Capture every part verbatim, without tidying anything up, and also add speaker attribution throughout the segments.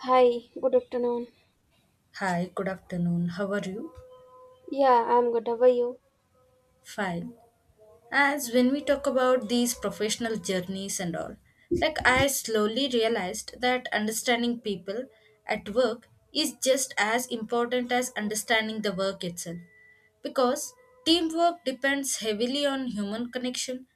Speaker 1: Hi, good afternoon.
Speaker 2: Hi, good afternoon. How are you?
Speaker 1: Yeah, I'm good. How are you?
Speaker 2: Fine. As when we talk about these professional journeys and all, like I slowly realized that understanding people at work is just as important as understanding the work itself because teamwork depends heavily on human connection,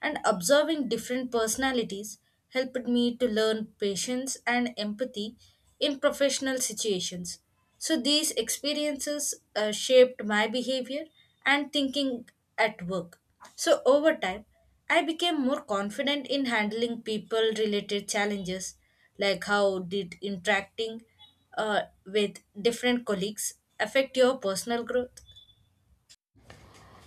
Speaker 2: and observing different personalities helped me to learn patience and empathy in professional situations. So these experiences uh, shaped my behavior and thinking at work. So over time, I became more confident in handling people related challenges. Like, how did interacting uh, with different colleagues affect your personal growth?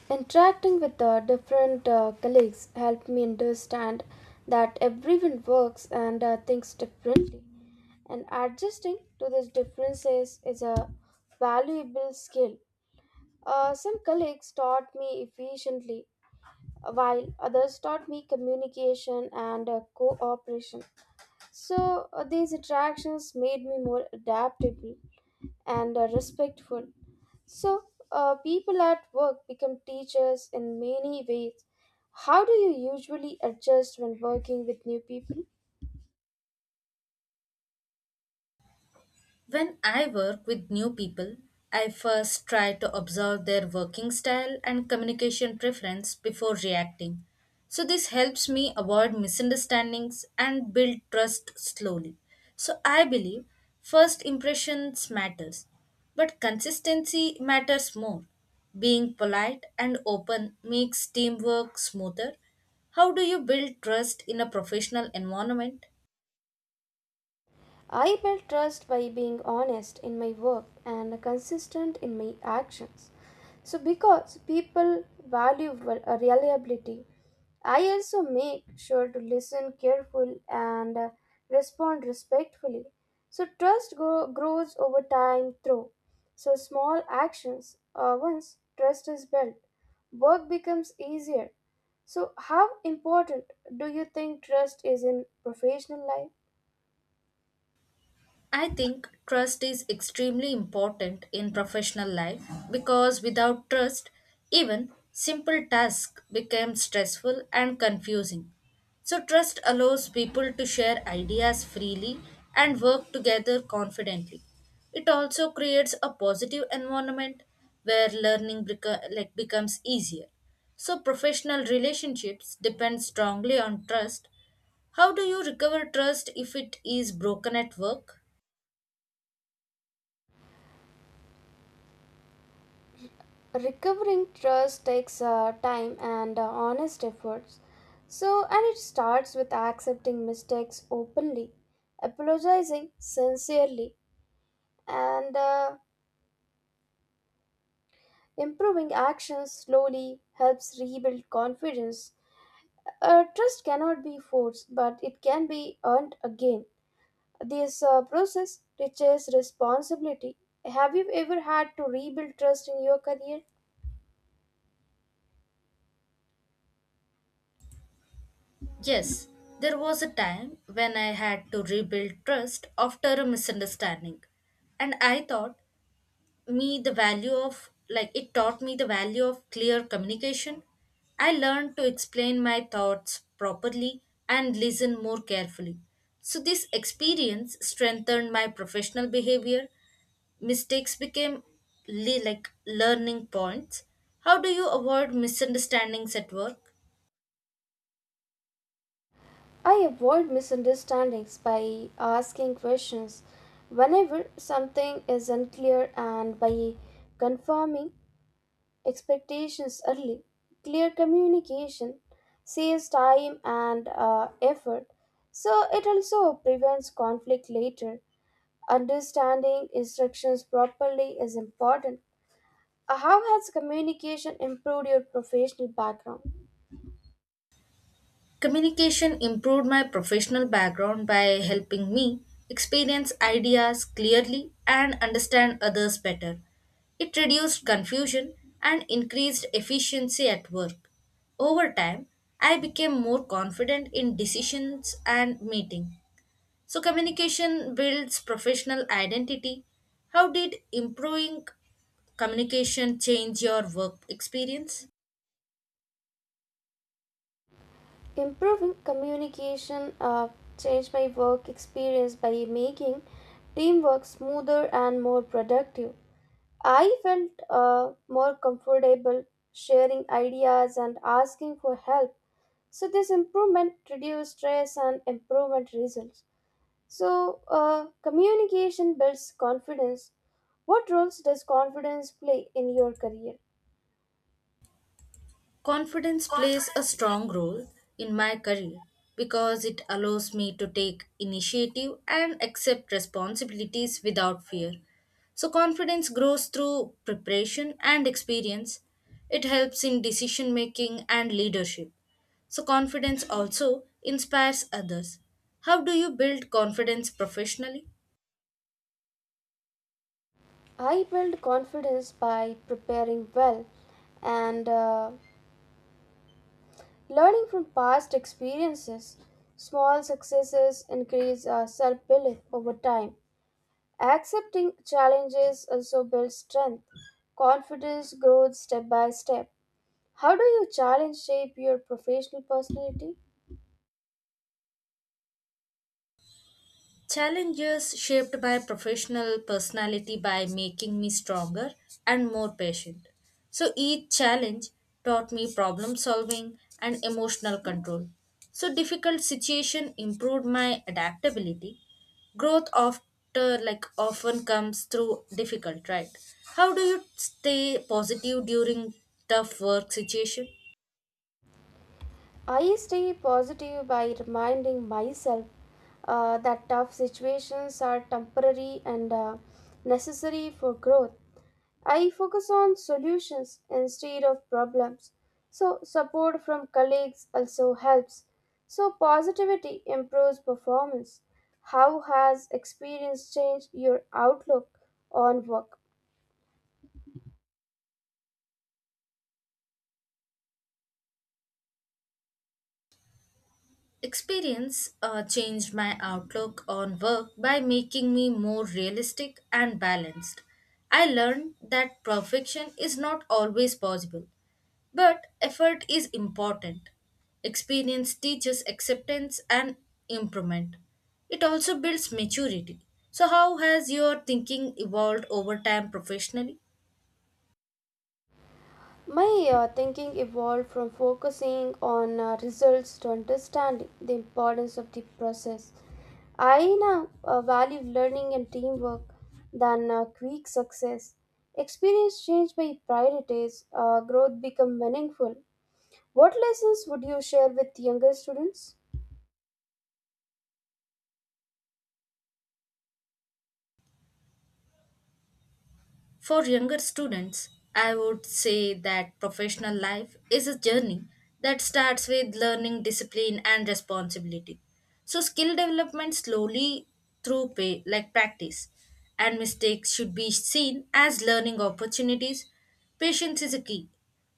Speaker 1: Interacting with uh, different uh, colleagues helped me understand that everyone works and uh, thinks differently, and adjusting to these differences is a valuable skill. Uh, some colleagues taught me efficiently, while others taught me communication and uh, cooperation. So uh, these attractions made me more adaptable and uh, respectful. So uh, people at work become teachers in many ways. How do you usually adjust when working with new people?
Speaker 2: When I work with new people, I first try to observe their working style and communication preference before reacting. So this helps me avoid misunderstandings and build trust slowly. So I believe first impressions matters, but consistency matters more. Being polite and open makes teamwork smoother. How do you build trust in a professional environment?
Speaker 1: I build trust by being honest in my work and consistent in my actions. So, because people value val- uh, reliability. I also make sure to listen careful and uh, respond respectfully. So, trust grow, grows over time through. So, small actions. Uh, once trust is built, work becomes easier. So, how important do you think trust is in professional life?
Speaker 2: I think trust is extremely important in professional life because without trust, even simple tasks become stressful and confusing. So trust allows people to share ideas freely and work together confidently. It also creates a positive environment where learning beco- like becomes easier. So professional relationships depend strongly on trust. How do you recover trust if it is broken at work?
Speaker 1: Recovering trust takes uh, time and uh, honest efforts, so, and it starts with accepting mistakes openly, apologizing sincerely, and uh, improving actions slowly helps rebuild confidence. Uh, trust cannot be forced, but it can be earned again. This uh, process teaches responsibility. Have you ever had to rebuild trust in your career?
Speaker 2: Yes, there was a time when I had to rebuild trust after a misunderstanding. And I thought me the value of like it taught me the value of clear communication. I learned to explain my thoughts properly and listen more carefully. So this experience strengthened my professional behavior. Mistakes became le- like learning points. How do you avoid misunderstandings at work?
Speaker 1: I avoid misunderstandings by asking questions whenever something is unclear, and by confirming expectations early. Clear communication saves time and uh, effort, so it also prevents conflict later. Understanding instructions properly is important. Uh, How has communication improved your professional background?
Speaker 2: Communication improved my professional background by helping me experience ideas clearly and understand others better. It reduced confusion and increased efficiency at work. Over time, I became more confident in decisions and meeting. So communication builds professional identity. How did improving communication change your work experience?
Speaker 1: Improving communication uh, changed my work experience by making teamwork smoother and more productive. I felt uh, more comfortable sharing ideas and asking for help. So, this improvement reduced stress and improvement results. So, uh, communication builds confidence. What roles does confidence play in your career?
Speaker 2: Confidence plays a strong role in my career because it allows me to take initiative and accept responsibilities without fear. So confidence grows through preparation and experience. It helps in decision making and leadership. So confidence also inspires others. How do you build confidence professionally?
Speaker 1: I build confidence by preparing well and uh, learning from past experiences. Small successes increase our self belief over time. Accepting challenges also builds strength. Confidence grows step by step. How do you challenge shape your professional personality?
Speaker 2: Challenges shaped my professional personality by making me stronger and more patient. So each challenge taught me problem solving and emotional control. So difficult situation improved my adaptability. Growth after like often comes through difficult, right? How do you stay positive during tough work situation?
Speaker 1: I stay positive by reminding myself uh, that tough situations are temporary and uh, necessary for growth. I focus on solutions instead of problems. So, support from colleagues also helps. So, positivity improves performance. How has experience changed your outlook on work?
Speaker 2: Experience uh, changed my outlook on work by making me more realistic and balanced. I learned that perfection is not always possible, but effort is important. Experience teaches acceptance and improvement. It also builds maturity. So how has your thinking evolved over time professionally?
Speaker 1: My uh, thinking evolved from focusing on uh, results to understanding the importance of the process. I now uh, value learning and teamwork than uh, quick success. Experience changed my priorities, uh, growth become meaningful. What lessons would you share with younger students?
Speaker 2: For younger students, I would say that professional life is a journey that starts with learning discipline and responsibility. So skill development slowly through pay like practice and mistakes should be seen as learning opportunities. Patience is a key.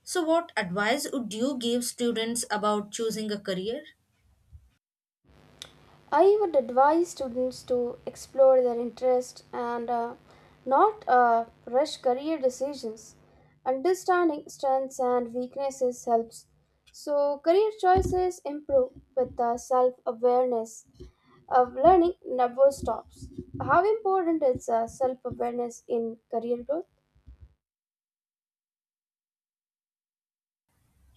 Speaker 2: So what advice would you give students about choosing a career?
Speaker 1: I would advise students to explore their interest and uh, not uh, rush career decisions. Understanding strengths and weaknesses helps. So, career choices improve with uh, self awareness. Of learning never stops. How important is uh, self awareness in career growth?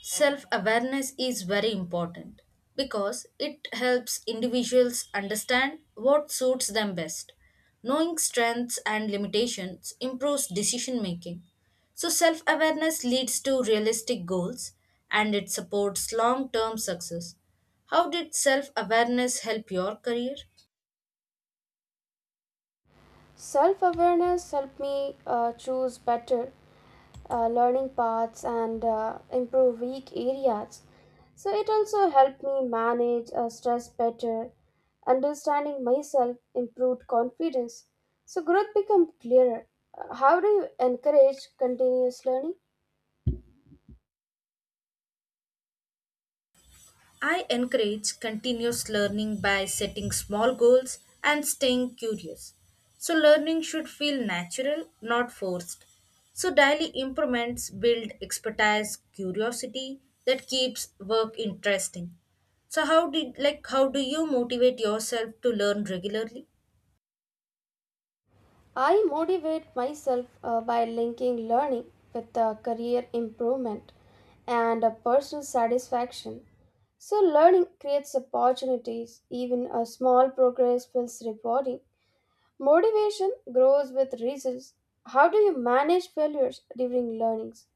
Speaker 2: Self awareness is very important because it helps individuals understand what suits them best. Knowing strengths and limitations improves decision making. So self awareness leads to realistic goals, and it supports long term success. How did self awareness help your career?
Speaker 1: Self awareness helped me uh, choose better uh, learning paths and uh, improve weak areas. So it also helped me manage uh, stress better. Understanding myself improved confidence. So growth became clearer. Uh, How do you encourage continuous learning?
Speaker 2: I encourage continuous learning by setting small goals and staying curious. So learning should feel natural, not forced. So daily improvements build expertise, curiosity that keeps work interesting. So, how did like how do you motivate yourself to learn regularly?
Speaker 1: I motivate myself uh, by linking learning with uh, career improvement and uh, personal satisfaction. So learning creates opportunities. Even a small progress feels rewarding. Motivation grows with results. How do you manage failures during learnings?